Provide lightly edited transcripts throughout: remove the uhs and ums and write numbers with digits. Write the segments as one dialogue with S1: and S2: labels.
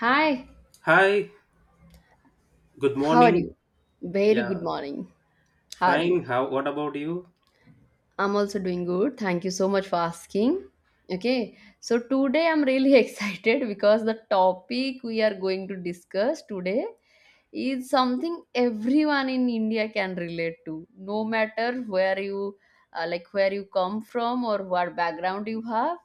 S1: Hi,
S2: Hi, good
S1: how are
S2: morning.
S1: you? Very
S2: Yeah,
S1: good morning. How are
S2: fine.
S1: you?
S2: How, what about you?
S1: I'm also doing good. Thank you so much for asking. Okay, so today I'm really excited because the topic we are going to discuss today is something everyone in India can relate to, no matter where you come from or what background you have.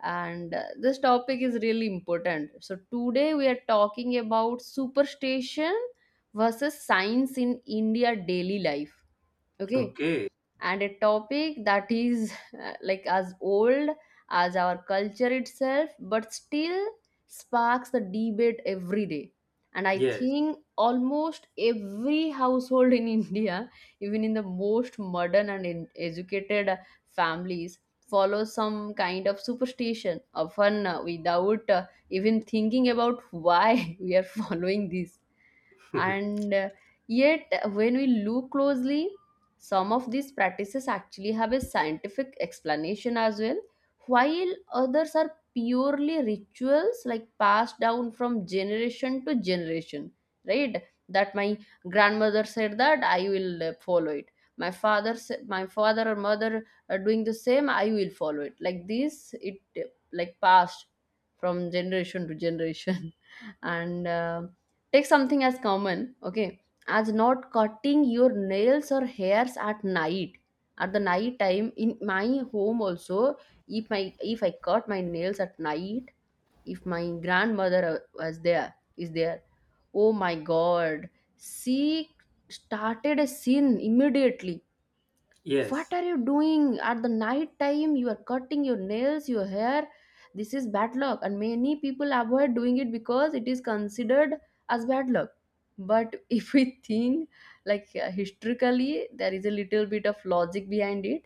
S1: And this topic is really important, so today we are talking about superstition versus science in India daily life. Okay.
S2: Okay.
S1: And a topic that is like as old as our culture itself, but still sparks the debate every day. And I
S2: Yes.
S1: think almost every household in India, even in the most modern and educated families, follows some kind of superstition, often without even thinking about why we are following this. And yet, when we look closely, some of these practices actually have a scientific explanation as well, while others are purely rituals like passed down from generation to generation. Right, that my grandmother said that I will follow it. My father said, my father or mother are doing the same, I will follow it, like this. It, like passed from generation to generation. And take something as common, okay, as not cutting your nails or hairs at night. At the night time in my home also, if I cut my nails at night, if my grandmother was there, is there, oh my god, she started a sin immediately. What
S2: Yes.
S1: are you doing at the night time? You are cutting your nails, your hair. This is bad luck, and many people avoid doing it because it is considered as bad luck. But if we think, like historically, there is a little bit of logic behind it.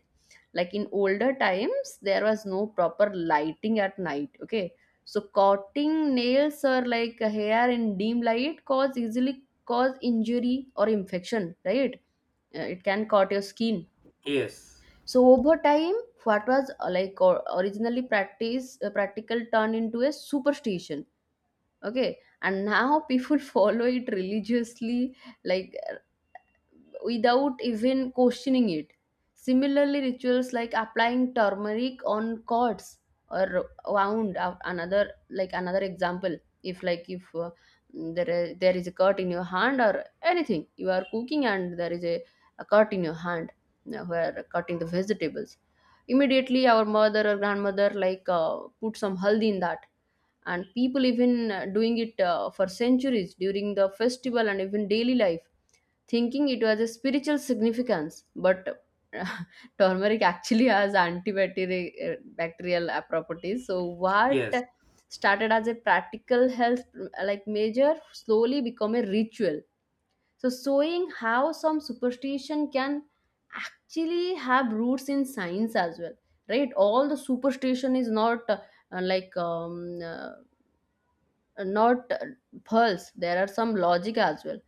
S1: Like in older times, there was no proper lighting at night, okay? So cutting nails or like hair in dim light cause, easily cause injury or infection, right? It can cut your skin.
S2: Yes.
S1: So over time, what was like or originally practice practical turned into a superstition. Okay, and now people follow it religiously, like without even questioning it. Similarly, rituals like applying turmeric on cords or wound out another, like another example. If there is a cut in your hand, or anything, you are cooking and there is a cut in your hand where cutting the vegetables, immediately our mother or grandmother like put some haldi in that. And people even doing it for centuries during the festival and even daily life, thinking it was a spiritual significance, but turmeric actually has antibacterial bacterial properties. So what
S2: Yes.
S1: started as a practical health measure slowly become a ritual. So, showing how some superstition can actually have roots in science as well, right? All the superstition is not like um, uh, not false, there are some logic as well.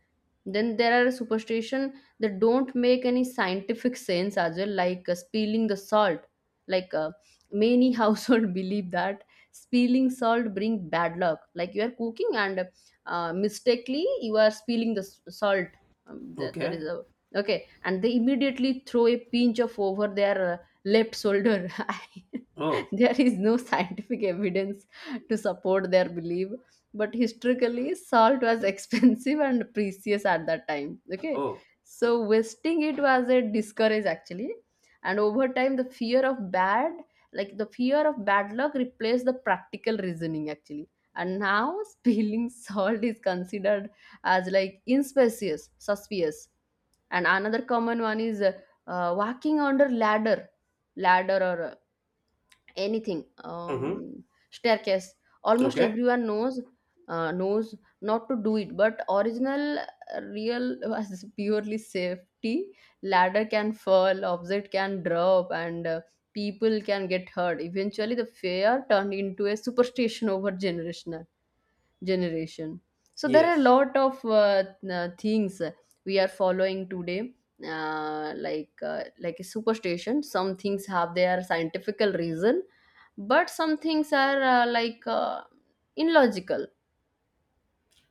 S1: Then there are superstition that don't make any scientific sense as well, like spilling the salt. Like many household believe that spilling salt bring bad luck. Like you are cooking and mistakenly you are spilling the salt. There
S2: Okay.
S1: is a, okay, and they immediately throw a pinch of over their left shoulder.
S2: Oh,
S1: There is no scientific evidence to support their belief, but historically salt was expensive and precious at that time, okay?
S2: oh.
S1: So wasting it was a discourage actually, and over time the fear of bad luck replaced the practical reasoning actually. And now, spilling salt is considered as like inspicious, suspicious. And another common one is walking under ladder or anything,
S2: Mm-hmm.
S1: staircase, almost
S2: Okay.
S1: everyone knows not to do it, but original real was purely safety. Ladder can fall, object can drop, and people can get hurt. Eventually the fear turned into a superstition over generation. So there are a
S2: Yes.
S1: lot of things we are following today, like a superstition. Some things have their scientifical reason, but some things are illogical.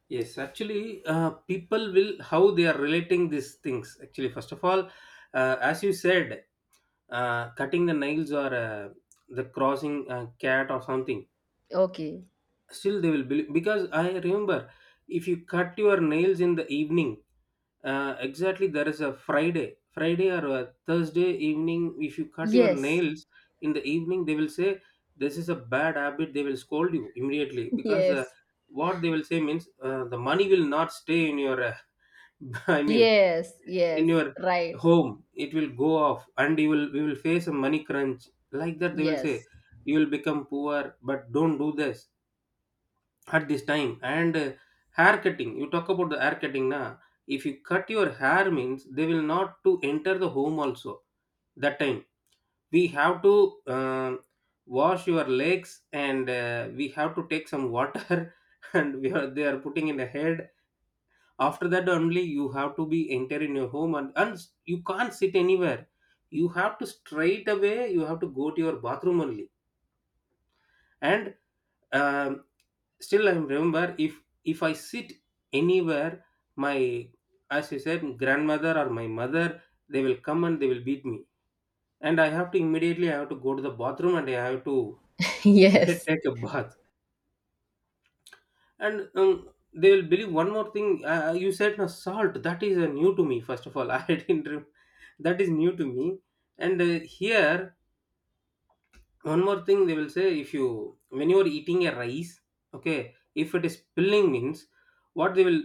S2: Yes. Actually, people will, how they are relating these things. Actually, first of all, as you said, cutting the nails or the crossing cat or something.
S1: Okay.
S2: Still they will believe because I remember, if you cut your nails in the evening, exactly, there is a Friday or a Thursday evening. If you cut your
S1: Yes.
S2: nails in the evening, they will say this is a bad habit. They will scold you immediately because,
S1: Yes,
S2: what they will say means, the money will not stay in your, I mean,
S1: yes,
S2: in
S1: yes.
S2: your
S1: Right.
S2: home, it will go off and you will, we will face a money crunch, like that they will say.
S1: Yes.
S2: You will become poor, but don't do this at this time. And hair cutting, you talk about the hair cutting, na? If you cut your hair means they will not to enter the home also. That time we have to, uh, wash your legs, and we have to take some water and we are, they are putting in the head. After that only you have to be enter in your home, and you can't sit anywhere. You have to straight away you have to go to your bathroom only. And um, still I remember, if I sit anywhere, my, as you said, grandmother or my mother, they will come and they will beat me, and I have to, immediately I have to go to the bathroom and I have to
S1: Yes,
S2: take a bath. And they will believe one more thing. You said, no, salt, that is new to me. First of all, I didn't that is new to me. And here one more thing they will say. If you, when you are eating a rice, okay, if it is spilling means, what they will,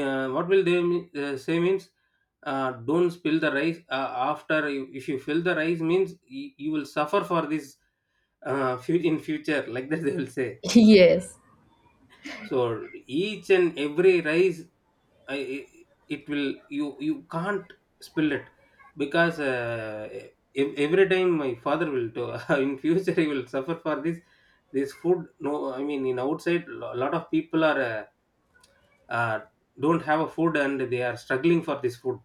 S2: what will they say means, don't spill the rice. After you, if you fill the rice means you, you will suffer for this, in future, like that they will say.
S1: yes,
S2: So each and every rice, I, it will, you can't spill it because every time my father will do. In future he will suffer for this, this food. No, I mean, in outside a lot of people are, uh, don't have a food and they are struggling for this food,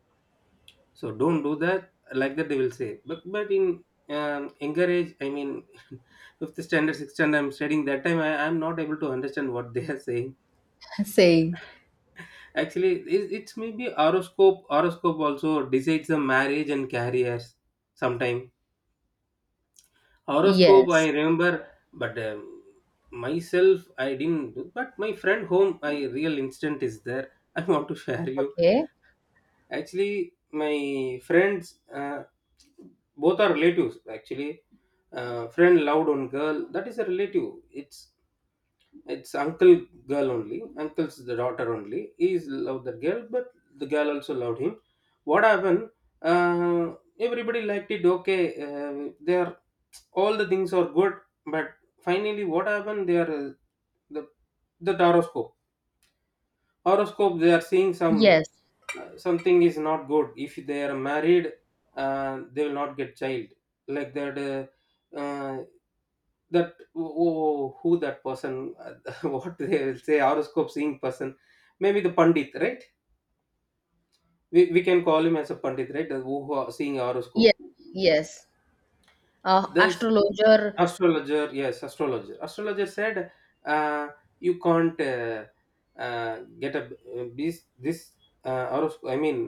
S2: so don't do that, like that they will say. But in, younger age, I mean, fifth standard, sixth standard I'm studying, that time I, I'm not able to understand what they are saying.
S1: saying.
S2: Actually, it, it's maybe horoscope. Horoscope also decides the marriage and careers. Sometime horoscope, I
S1: Yes.
S2: remember, but myself, I didn't do. But my friend home, I real instant is there. I want to share you.
S1: Okay.
S2: Actually, my friends, both are relatives. Actually, friend loved one girl. That is a relative. It's uncle girl only. Uncle's the daughter only. He is loved the girl, but the girl also loved him. What happened? Uh, everybody liked it. Okay, they are, all the things are good, but finally, what happened? They are, the the horoscope. Horoscope. They are seeing some,
S1: Yes,
S2: something is not good. If they are married, they will not get child. Like that. That who, that person, what they will say, horoscope seeing person, maybe the pandit, right? We can call him as a pandit, right? The, who are seeing horoscope,
S1: yes, yes.
S2: this
S1: Astrologer.
S2: astrologer, yes, Astrologer said, uh, you can't, get a, this this horoscope, I mean,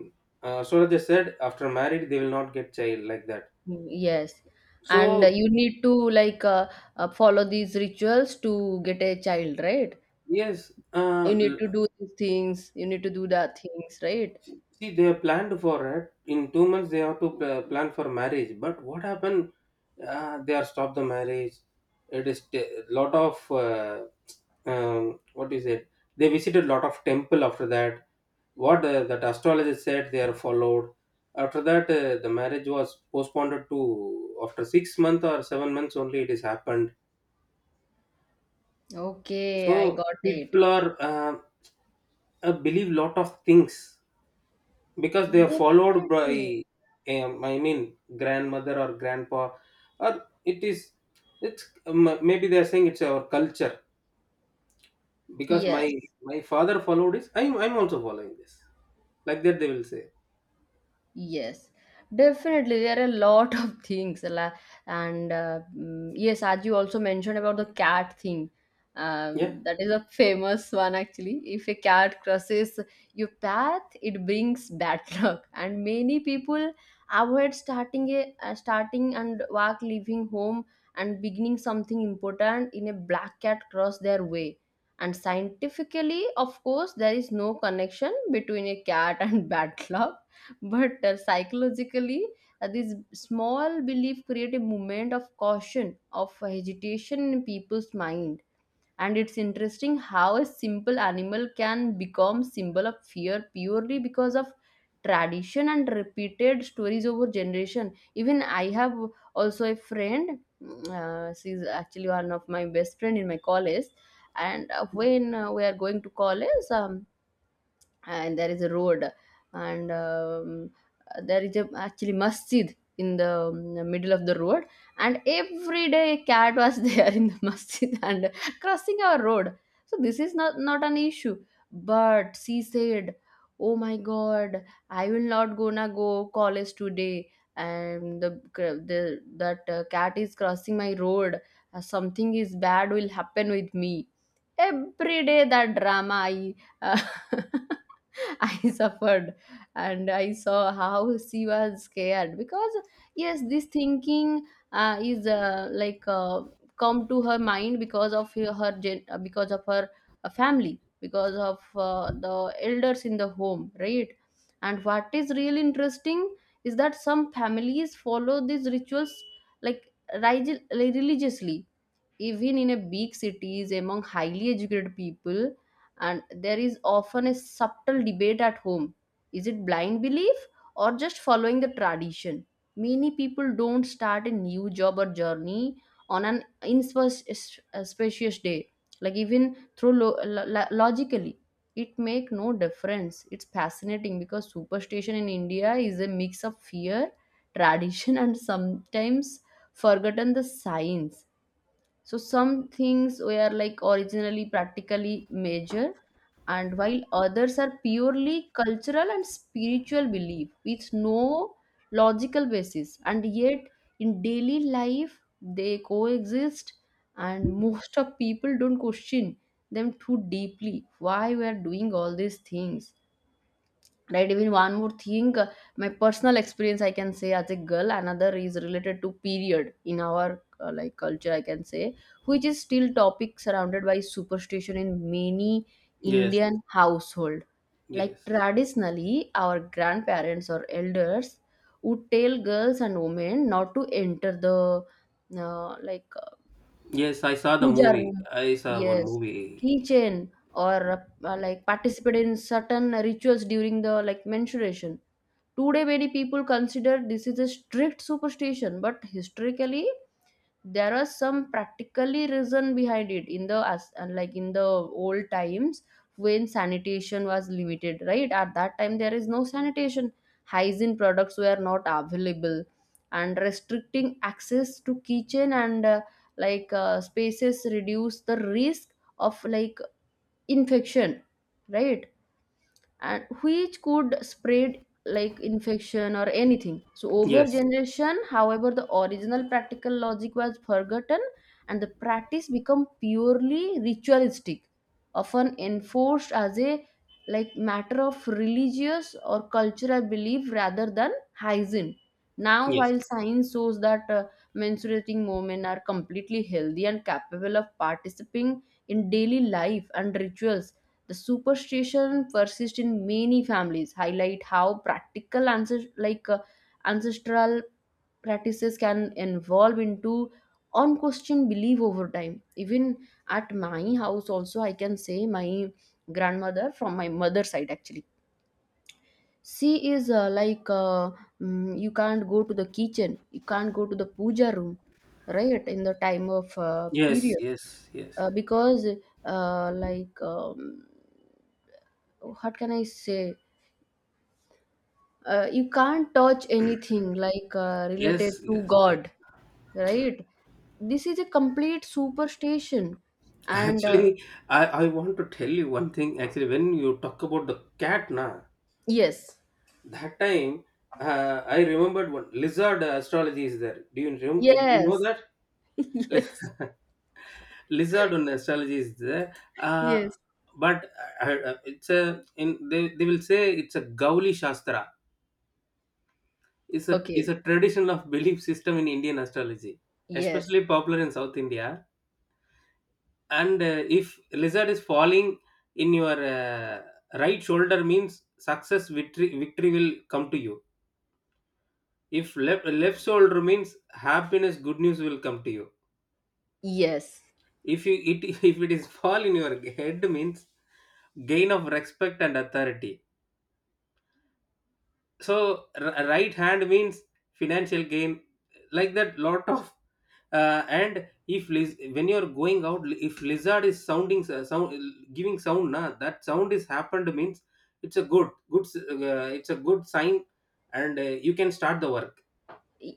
S2: astrologer said after married they will not get child, like that.
S1: Mm, yes, and
S2: So
S1: you need to like follow these rituals to get a child, right?
S2: yes,
S1: You need to do these things, you need to do that things, right?
S2: see, they are planned for it. In 2 months, they have to plan for marriage. But what happened? They are stopped the marriage. It is a lot of, what is it? They visited lot of temple after that. What, that astrologer said, they are followed. After that, the marriage was postponed to after 6 months or 7 months only. It is happened.
S1: Okay, I
S2: So
S1: got it.
S2: people are, believe lot of things because they are followed by,
S1: Definitely.
S2: I mean, grandmother or grandpa, or it is, it's, maybe they are saying it's our culture. Because my
S1: Yes.
S2: my father followed this, I'm also following this, like that they will say.
S1: Yes, definitely. There are a lot of things. And yes, as you also mentioned about the cat thing,
S2: Yeah.
S1: that is a famous one actually. If a cat crosses your path, it brings bad luck. And many people avoid starting and walk leaving home and beginning something important in a black cat cross their way. And scientifically, of course, there is no connection between a cat and bad luck, but psychologically, this small belief create a moment of caution, of hesitation in people's mind. And it's interesting how a simple animal can become symbol of fear purely because of tradition and repeated stories over generation. Even I have also a friend. She's actually one of my best friend in my college. And when we are going to college, and there is a road, and there is a actually masjid in the middle of the road. And every day cat was there in the masjid and crossing our road, so this is not an issue. But she said, oh my god, I will not gonna go college today, and the that cat is crossing my road. Something is bad will happen with me every day. That drama I uh, I suffered, and I saw how she was scared because, yes, this thinking is like come to her mind because of her family, because of the elders in the home, right? And what is really interesting is that some families follow these rituals like religiously, even in a big cities among highly educated people. And there is often a subtle debate at home: is it blind belief, or just following the tradition? Many people don't start a new job or journey on an inauspicious day, like even through logically it make no difference. It's fascinating because superstition in India is a mix of fear, tradition, and sometimes forgotten the science. So some things were like originally practically major, and while others are purely cultural and spiritual belief with no logical basis, and yet in daily life they coexist, and most of people don't question them too deeply. Why we are doing all these things? Right. Even one more thing, my personal experience, I can say, as a girl, another is related to period in our culture, I can say, which is still topic surrounded by superstition in many
S2: Yes,
S1: Indian household. Like
S2: yes,
S1: traditionally, our grandparents or elders would tell girls and women not to enter the uh, like uh,
S2: yes, I saw the
S1: puja
S2: movie,
S1: room,
S2: I saw one
S1: yes,
S2: movie.
S1: kitchen, or like participate in certain rituals during the like menstruation. Today, many people consider this is a strict superstition, but historically, there are some practically reason behind it. In the old times, when sanitation was limited, right? At that time, there is no sanitation. Hygiene products were not available, and restricting access to kitchen and spaces reduce the risk of like infection, right? And which could spread like infection or anything, so over
S2: Yes,
S1: generation, however, the original practical logic was forgotten, and the practice become purely ritualistic, often enforced as a like matter of religious or cultural belief rather than hygiene. Now, while
S2: yes,
S1: science shows that menstruating women are completely healthy and capable of participating in daily life and rituals, the superstition persists in many families, highlight how practical ancestral practices can evolve into unquestioned belief over time. Even at my house, also I can say, my grandmother from my mother's side actually. She is you can't go to the kitchen, you can't go to the puja room, right? In the time of
S2: yes,
S1: period,
S2: yes, yes.
S1: because uh, like um, what can I say? You can't touch anything like related
S2: Yes,
S1: to
S2: yes, yes.
S1: god, right? This is a complete superstition. And
S2: Actually, I want to tell you one thing. Actually, when you talk about the cat, na,
S1: yes,
S2: that time, I remembered one lizard astrology is there. Do you do you know
S1: yes.
S2: that? Li-
S1: Yes,
S2: lizard on astrology is there?
S1: yes.
S2: But it's a, in they will say it's a Gauli Shastra. It's a, it's
S1: Okay.
S2: a tradition of belief system in Indian astrology,
S1: Yes,
S2: especially popular in South India. And if lizard is falling in your, right shoulder means success, victory will come to you. If left, left shoulder means happiness, good news will come to you.
S1: yes.
S2: If you it if it is fall in your head means gain of respect and authority. So right hand means financial gain, like that. Lot of, and if when you are going out, if lizard is sounding, sound giving sound, na, that sound is happened means it's a good, good it's a good sign, and you can start the work.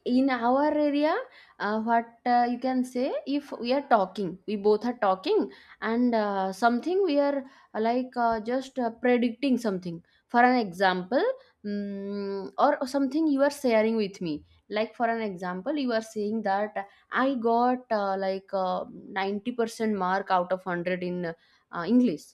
S1: In our area, what you can say, if we are talking, we both are talking, and something we are like just predicting something, for an example, or something you are sharing with me, like for an example, you are saying that I got like 90% mark out of 100 in English,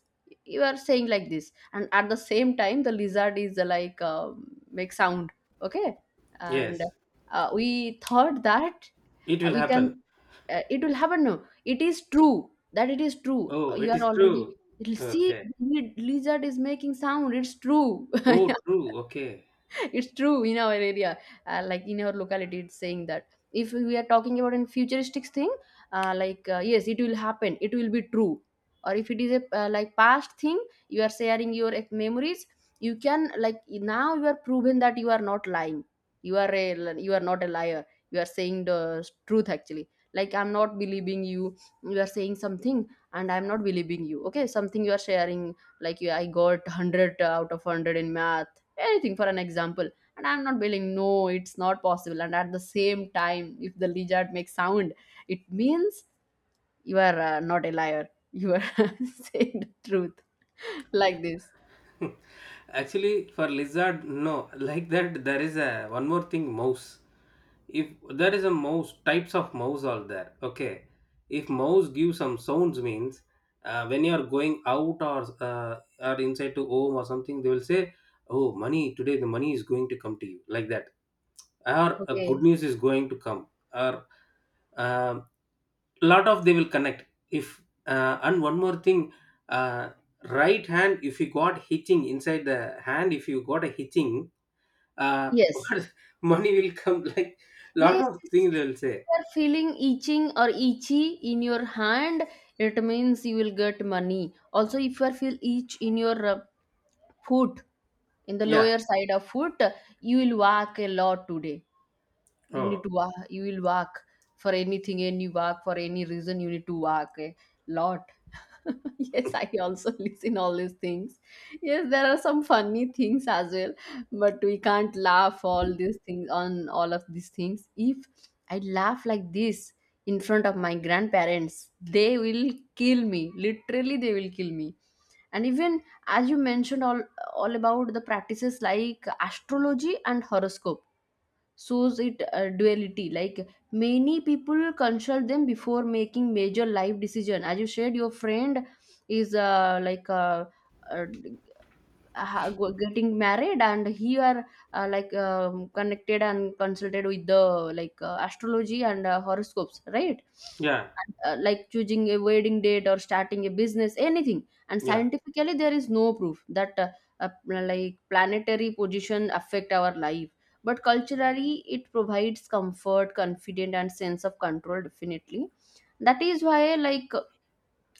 S1: you are saying like this. And at the same time the lizard is like make sound. Okay. And
S2: Yes,
S1: we thought that
S2: it will
S1: we
S2: happen.
S1: can, it will happen. No, it is true, that it is true,
S2: Oh,
S1: you
S2: it
S1: are
S2: is true.
S1: already it'll see.
S2: Okay.
S1: Lizard is making sound, it's true.
S2: Oh, true. Okay.
S1: It's true. In our area, like in our locality, it's saying that if we are talking about in futuristic thing, like yes, it will happen, it will be true. Or if it is a, like past thing, you are sharing your memories, you can, like, now you are proven that you are not lying, you are not a liar, you are saying the truth. Actually, like, I'm not believing you, you are saying something and I'm not believing you. Okay, something you are sharing, like you, I got 100 out of 100 in math, anything for an example, and I'm not believing, no it's not possible. And at the same time if the lizard makes sound, it means you are not a liar, you are saying the truth. Like this.
S2: Actually, for lizard, no. Like that, there is a one more thing. Mouse. If there is a mouse, types of mouse are there. Okay. If mouse gives some sounds means, when you are going out or, or inside to home or something, they will say, "Oh, money today. The money is going to come to you." Like that. Or good
S1: Okay.
S2: news is going to come, or, um lot of they will connect. If, and one more thing, uh, right hand, if you got hitching inside the hand, if you got a hitching, uh,
S1: Yes,
S2: what, money will come. Like, lot
S1: yes,
S2: of
S1: yes.
S2: things they'll say.
S1: You are feeling itching or itchy in your hand, it means you will get money. Also if you are feel itch in your foot, in the
S2: Yeah.
S1: lower side of foot, you will walk a lot today, you need
S2: Oh
S1: to walk, you will walk for anything, and you walk for any reason, you need to walk a lot. Yes, I also listen all these things. Yes, there are some funny things as well, but we can't laugh all these things, on all of these things. If I laugh like this in front of my grandparents, they will kill me, literally they will kill me. And even as you mentioned all, about the practices like astrology and horoscope, shows it duality. Like, many people consult them before making major life decision. As you said, your friend is like uh, getting married, and he are like connected and consulted with the, like, astrology and horoscopes, right?
S2: yeah,
S1: And, like, choosing a wedding date or starting a business, anything. And
S2: yeah,
S1: scientifically there is no proof that like planetary position affect our life, but culturally it provides comfort, confidence and sense of control, definitely. That is why, like,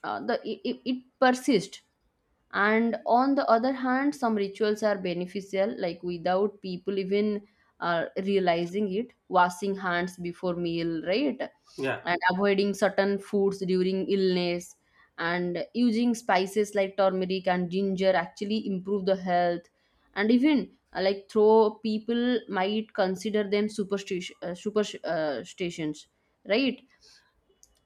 S1: the it persists. And on the other hand, some rituals are beneficial, like without people even realizing it, washing hands before meal, right?
S2: yeah.
S1: And avoiding certain foods during illness, and using spices like turmeric and ginger actually improve the health. And even like though people might consider them superstition, superstitions, right?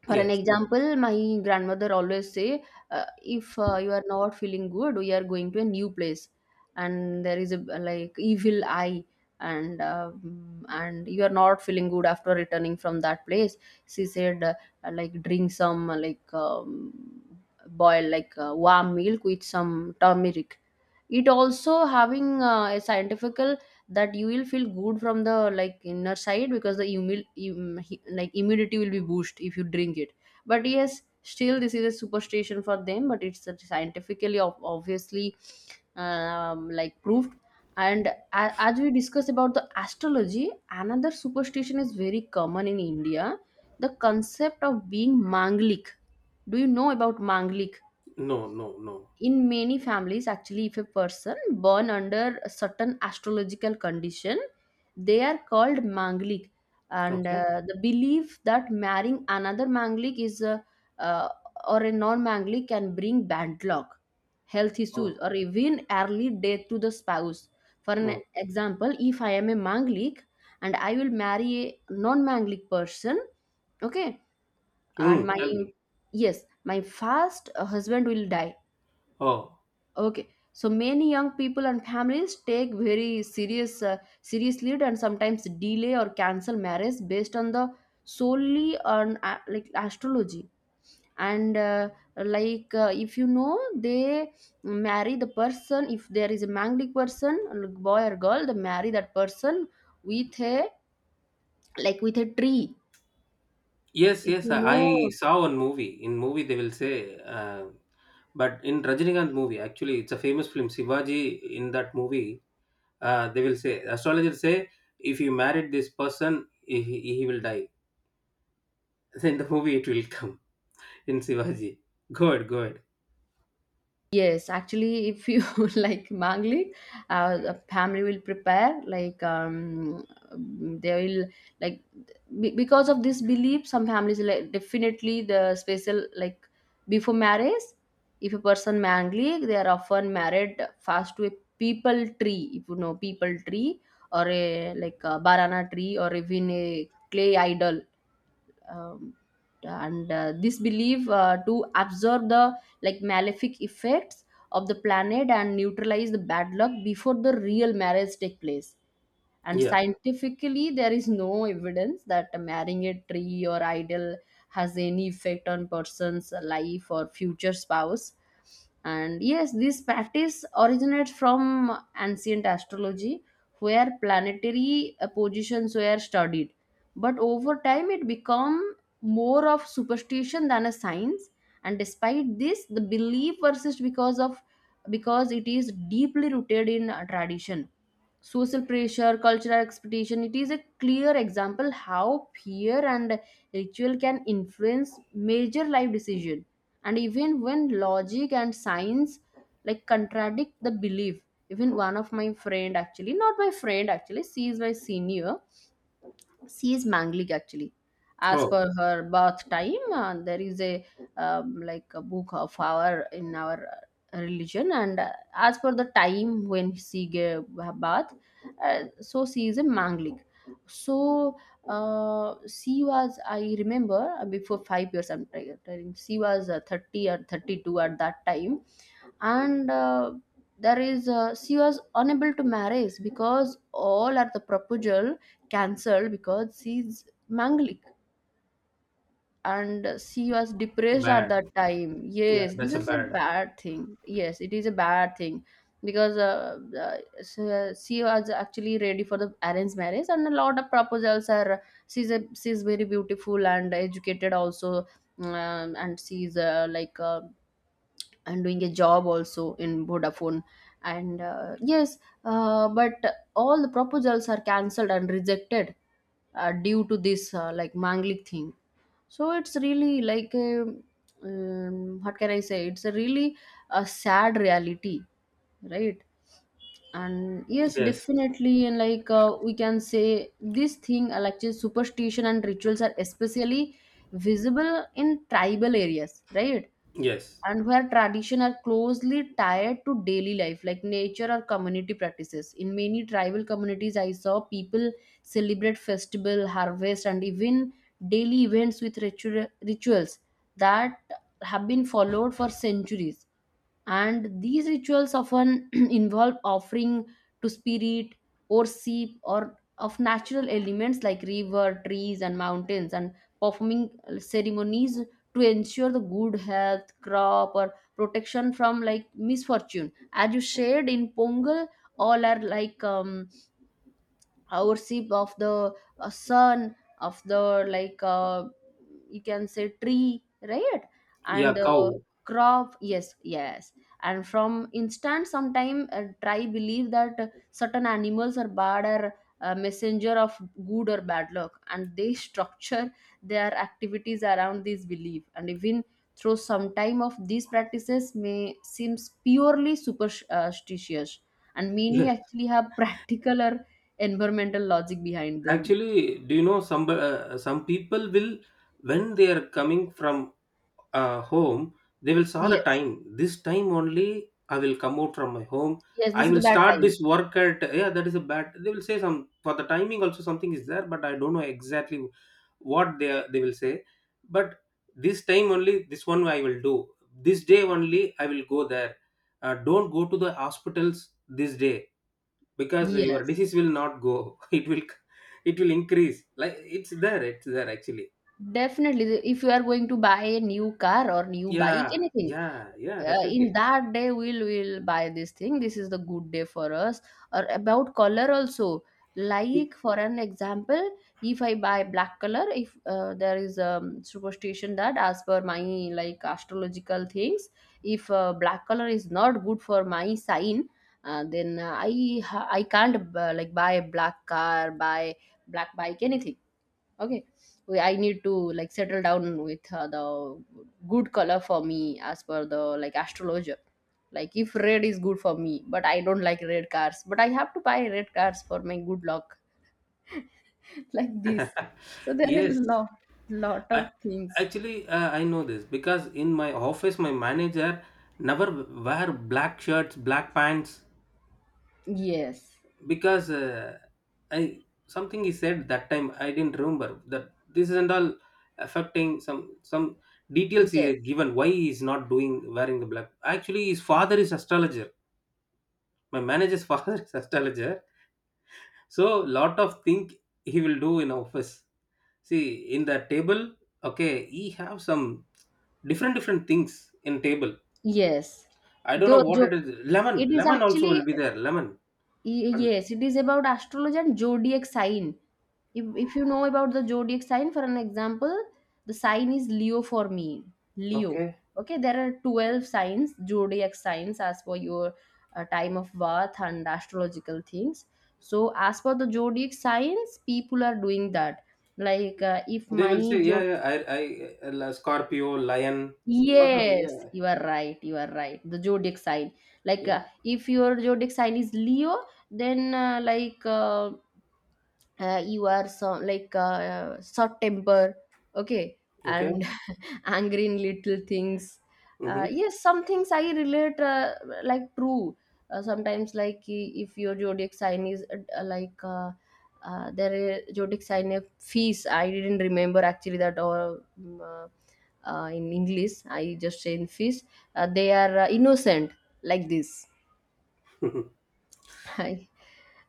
S1: For an
S2: Yes.
S1: example, my grandmother always say, if you are not feeling good, we are going to a new place, and there is a, like, evil eye, and and you are not feeling good after returning from that place. She said, like drink some like boil, like, warm milk with some turmeric. It also having a scientifical that you will feel good from the, like, inner side, because the like immunity will be boosted if you drink it. But yes, still this is a superstition for them, but it's a scientifically obviously like proved. And as we discussed about the astrology, another superstition is very common in India: the concept of being manglik. Do you know about manglik?
S2: No, no, no.
S1: In many families actually, if a person born under a certain astrological condition, they are called manglik. And
S2: Okay.
S1: the belief that marrying another manglik is a, uh, or a non manglik, can bring bad luck, health issues
S2: Oh,
S1: or even early death to the spouse. For an
S2: oh.
S1: example, if I am a manglik and I will marry a non manglik person, okay, and
S2: Mm,
S1: my —
S2: tell me.
S1: yes, my first husband will die.
S2: Oh.
S1: Okay. So many young people and families take very seriously, and sometimes delay or cancel marriage based on the, solely on, like astrology. And like, if you know, they marry the person. If there is a manglic person, like boy or girl, they marry that person with a, like with a tree,
S2: Yes,
S1: if
S2: yes,
S1: you
S2: I
S1: know.
S2: saw one movie. In movie, they will say, but in Rajinikanth movie, actually, it's a famous film. Shivaji, in that movie, they will say, astrologers say, if you married this person, he will die. Then the movie, it will come in Shivaji. Good, good.
S1: Yes, actually, if you like mangli, the family will prepare like they will like because of this belief, some families, like, definitely the special, like, before marriage, if a person mangli, they are often married first to a people tree, if you know, people tree or a, like, a banana tree, or even a clay idol. um, and this belief to absorb the, like, malefic effects of the planet and neutralize the bad luck before the real marriage take place. And
S2: Yeah.
S1: scientifically there is no evidence that marrying a tree or idol has any effect on person's life or future spouse. And yes, this practice originates from ancient astrology where planetary positions were studied, but over time it became more of superstition than a science. And despite this, the belief persists because it is deeply rooted in tradition, social pressure, cultural expectation. It is a clear example how fear and ritual can influence major life decision. And even when logic and science, like, contradict the belief, even one of my friend actually, not my friend actually, she is my senior, she is manglik actually, as per
S2: Oh,
S1: her birth time there is a, like, a book of our, in our religion, and as per the time when she gave her birth, so she is a manglik. So she was, I remember, before 5 years I'm telling, she was 30 or 32 at that time. And there is, she was unable to marry because all are the proposal cancelled because she's manglik. And she was depressed at
S2: bad.
S1: that time.
S2: Yeah,
S1: Yes, this
S2: that's a
S1: is a
S2: bad.
S1: bad thing, yes it is a bad thing. Because she was actually ready for the arranged marriage, and a lot of proposals are — she's very beautiful and educated also, and she's like and doing a job also in Vodafone. And yes, but all the proposals are cancelled and rejected due to this, like, Manglik thing. So it's really like a, what can I say? It's a really a sad reality, right? And yes,
S2: Yes,
S1: definitely, and, like, we can say this thing, like just superstition and rituals are especially visible in tribal areas, right?
S2: yes.
S1: And where tradition are closely tied to daily life, like nature or community practices, in many tribal communities I saw people celebrate festival, harvest, and even daily events with rituals that have been followed for centuries. And these rituals often involve offering to spirit or sheep or of natural elements like river, trees and mountains, and performing ceremonies to ensure the good health, crop, or protection from, like, misfortune. As you shared, in Pongal, all are like worship of the sun, of the, like, you can say, tree, right?
S2: Yeah,
S1: And
S2: cow.
S1: crop. Yes, yes. And from instant sometime try believe that certain animals are bad or messenger of good or bad luck, and they structure their activities around this belief. And even through some time of these practices may seems purely superstitious, and many
S2: Yes.
S1: actually have practical or environmental logic behind them.
S2: Actually, do you know some, some people will, when they are coming from, home, they will saw the
S1: Yes.
S2: time. This time only I will come out from my home.
S1: Yes,
S2: I
S1: this is the
S2: will
S1: bad
S2: start
S1: time.
S2: this work at, yeah, that is a bad, they will say some. For the timing also something is there, but I don't know exactly what they will say. But this time only this one I will do, this day only I will go there. Don't go to the hospitals this day because your
S1: Yes.
S2: disease will not go. It will, it will increase, like, it's there, it's there, actually.
S1: Definitely, if you are going to buy a new car or new bike,
S2: Yeah,
S1: anything,
S2: yeah, yeah,
S1: in
S2: definitely.
S1: that day we'll will buy this thing. This is the good day for us. Or about color also. Like for an example, if I buy black color, if there is a superstition that as per my, like, astrological things, if black color is not good for my sign, then I can't like buy a black car, buy black bike, anything. Okay. I need to, like, settle down with the good color for me as per the, like, astrologer. Like if red is good for me, but I don't like red cars, but I have to buy red cars for my good luck. Like this. So there are
S2: Yes,
S1: a lot lot of
S2: I,
S1: things.
S2: actually I know this because in my office my manager never wear black shirts, black pants
S1: Yes,
S2: because, I, something he said that time I didn't remember, that this isn't all affecting some details he
S1: yes,
S2: has given, why he is not doing wearing the black. Actually, his father is astrologer. My manager's father is astrologer, so lot of thing he will do in office. See, in the table, okay, he have some different, different things in table.
S1: yes.
S2: I don't know
S1: though
S2: what
S1: jo,
S2: it is. Lemon,
S1: it is
S2: lemon also
S1: actually —
S2: will be there. Lemon. And,
S1: Yes, it is about astrology and zodiac sign. If you know about the zodiac sign, for an example, the sign is Leo for me. Leo.
S2: okay.
S1: Okay, there are 12 signs, zodiac signs, as per your time of birth and astrological things. So as per the zodiac signs, people are doing that. Like, if
S2: They
S1: my
S2: will say, yeah,
S1: zod
S2: yeah. I, Scorpio, lion, lot of,
S1: yes,
S2: yeah,
S1: you are right, you are right, the zodiac sign, like
S2: yeah.
S1: if your zodiac sign is Leo, then like you are some, like, short temper. Okay. And
S2: Okay.
S1: angry in little things.
S2: Mm-hmm.
S1: Yes, some things I relate, like, true. Sometimes like if your zodiac sign is like there is zodiac sign of Fees, I didn't remember actually that, or in English I just say in Fees, they are innocent. Like this. Hi.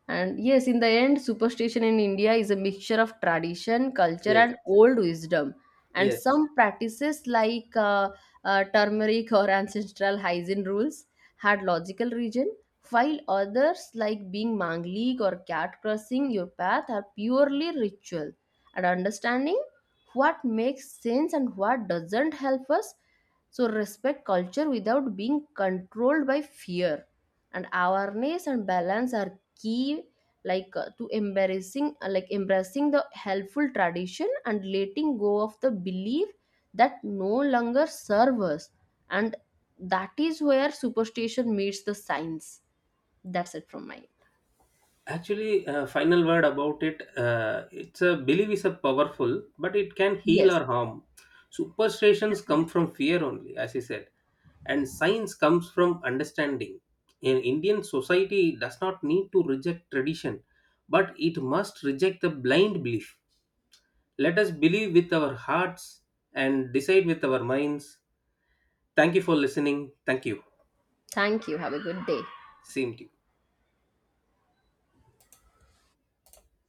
S1: And yes, in the end, superstition in India is a mixture of tradition, culture,
S2: Yes,
S1: and old wisdom. And
S2: yes.
S1: some practices like turmeric or ancestral hygiene rules had logical reason, while others like being manglik or cat crossing your path are purely ritual. And understanding what makes sense and what doesn't help us, so respect culture without being controlled by fear. And awareness and balance are key, like, to embracing the helpful tradition and letting go of the belief that no longer serve us, and that is where superstition meets the science. That's it from my end.
S2: Actually, final word about it. It's a belief is a powerful, but it can heal
S1: Yes,
S2: or harm. Superstitions come from
S1: definitely.
S2: fear only, as I said, and science comes from understanding. In Indian society, does not need to reject tradition, but it must reject the blind belief. Let us believe with our hearts and decide with our minds. Thank you for listening. Thank you.
S1: Thank you, have a good day.
S2: Same to you.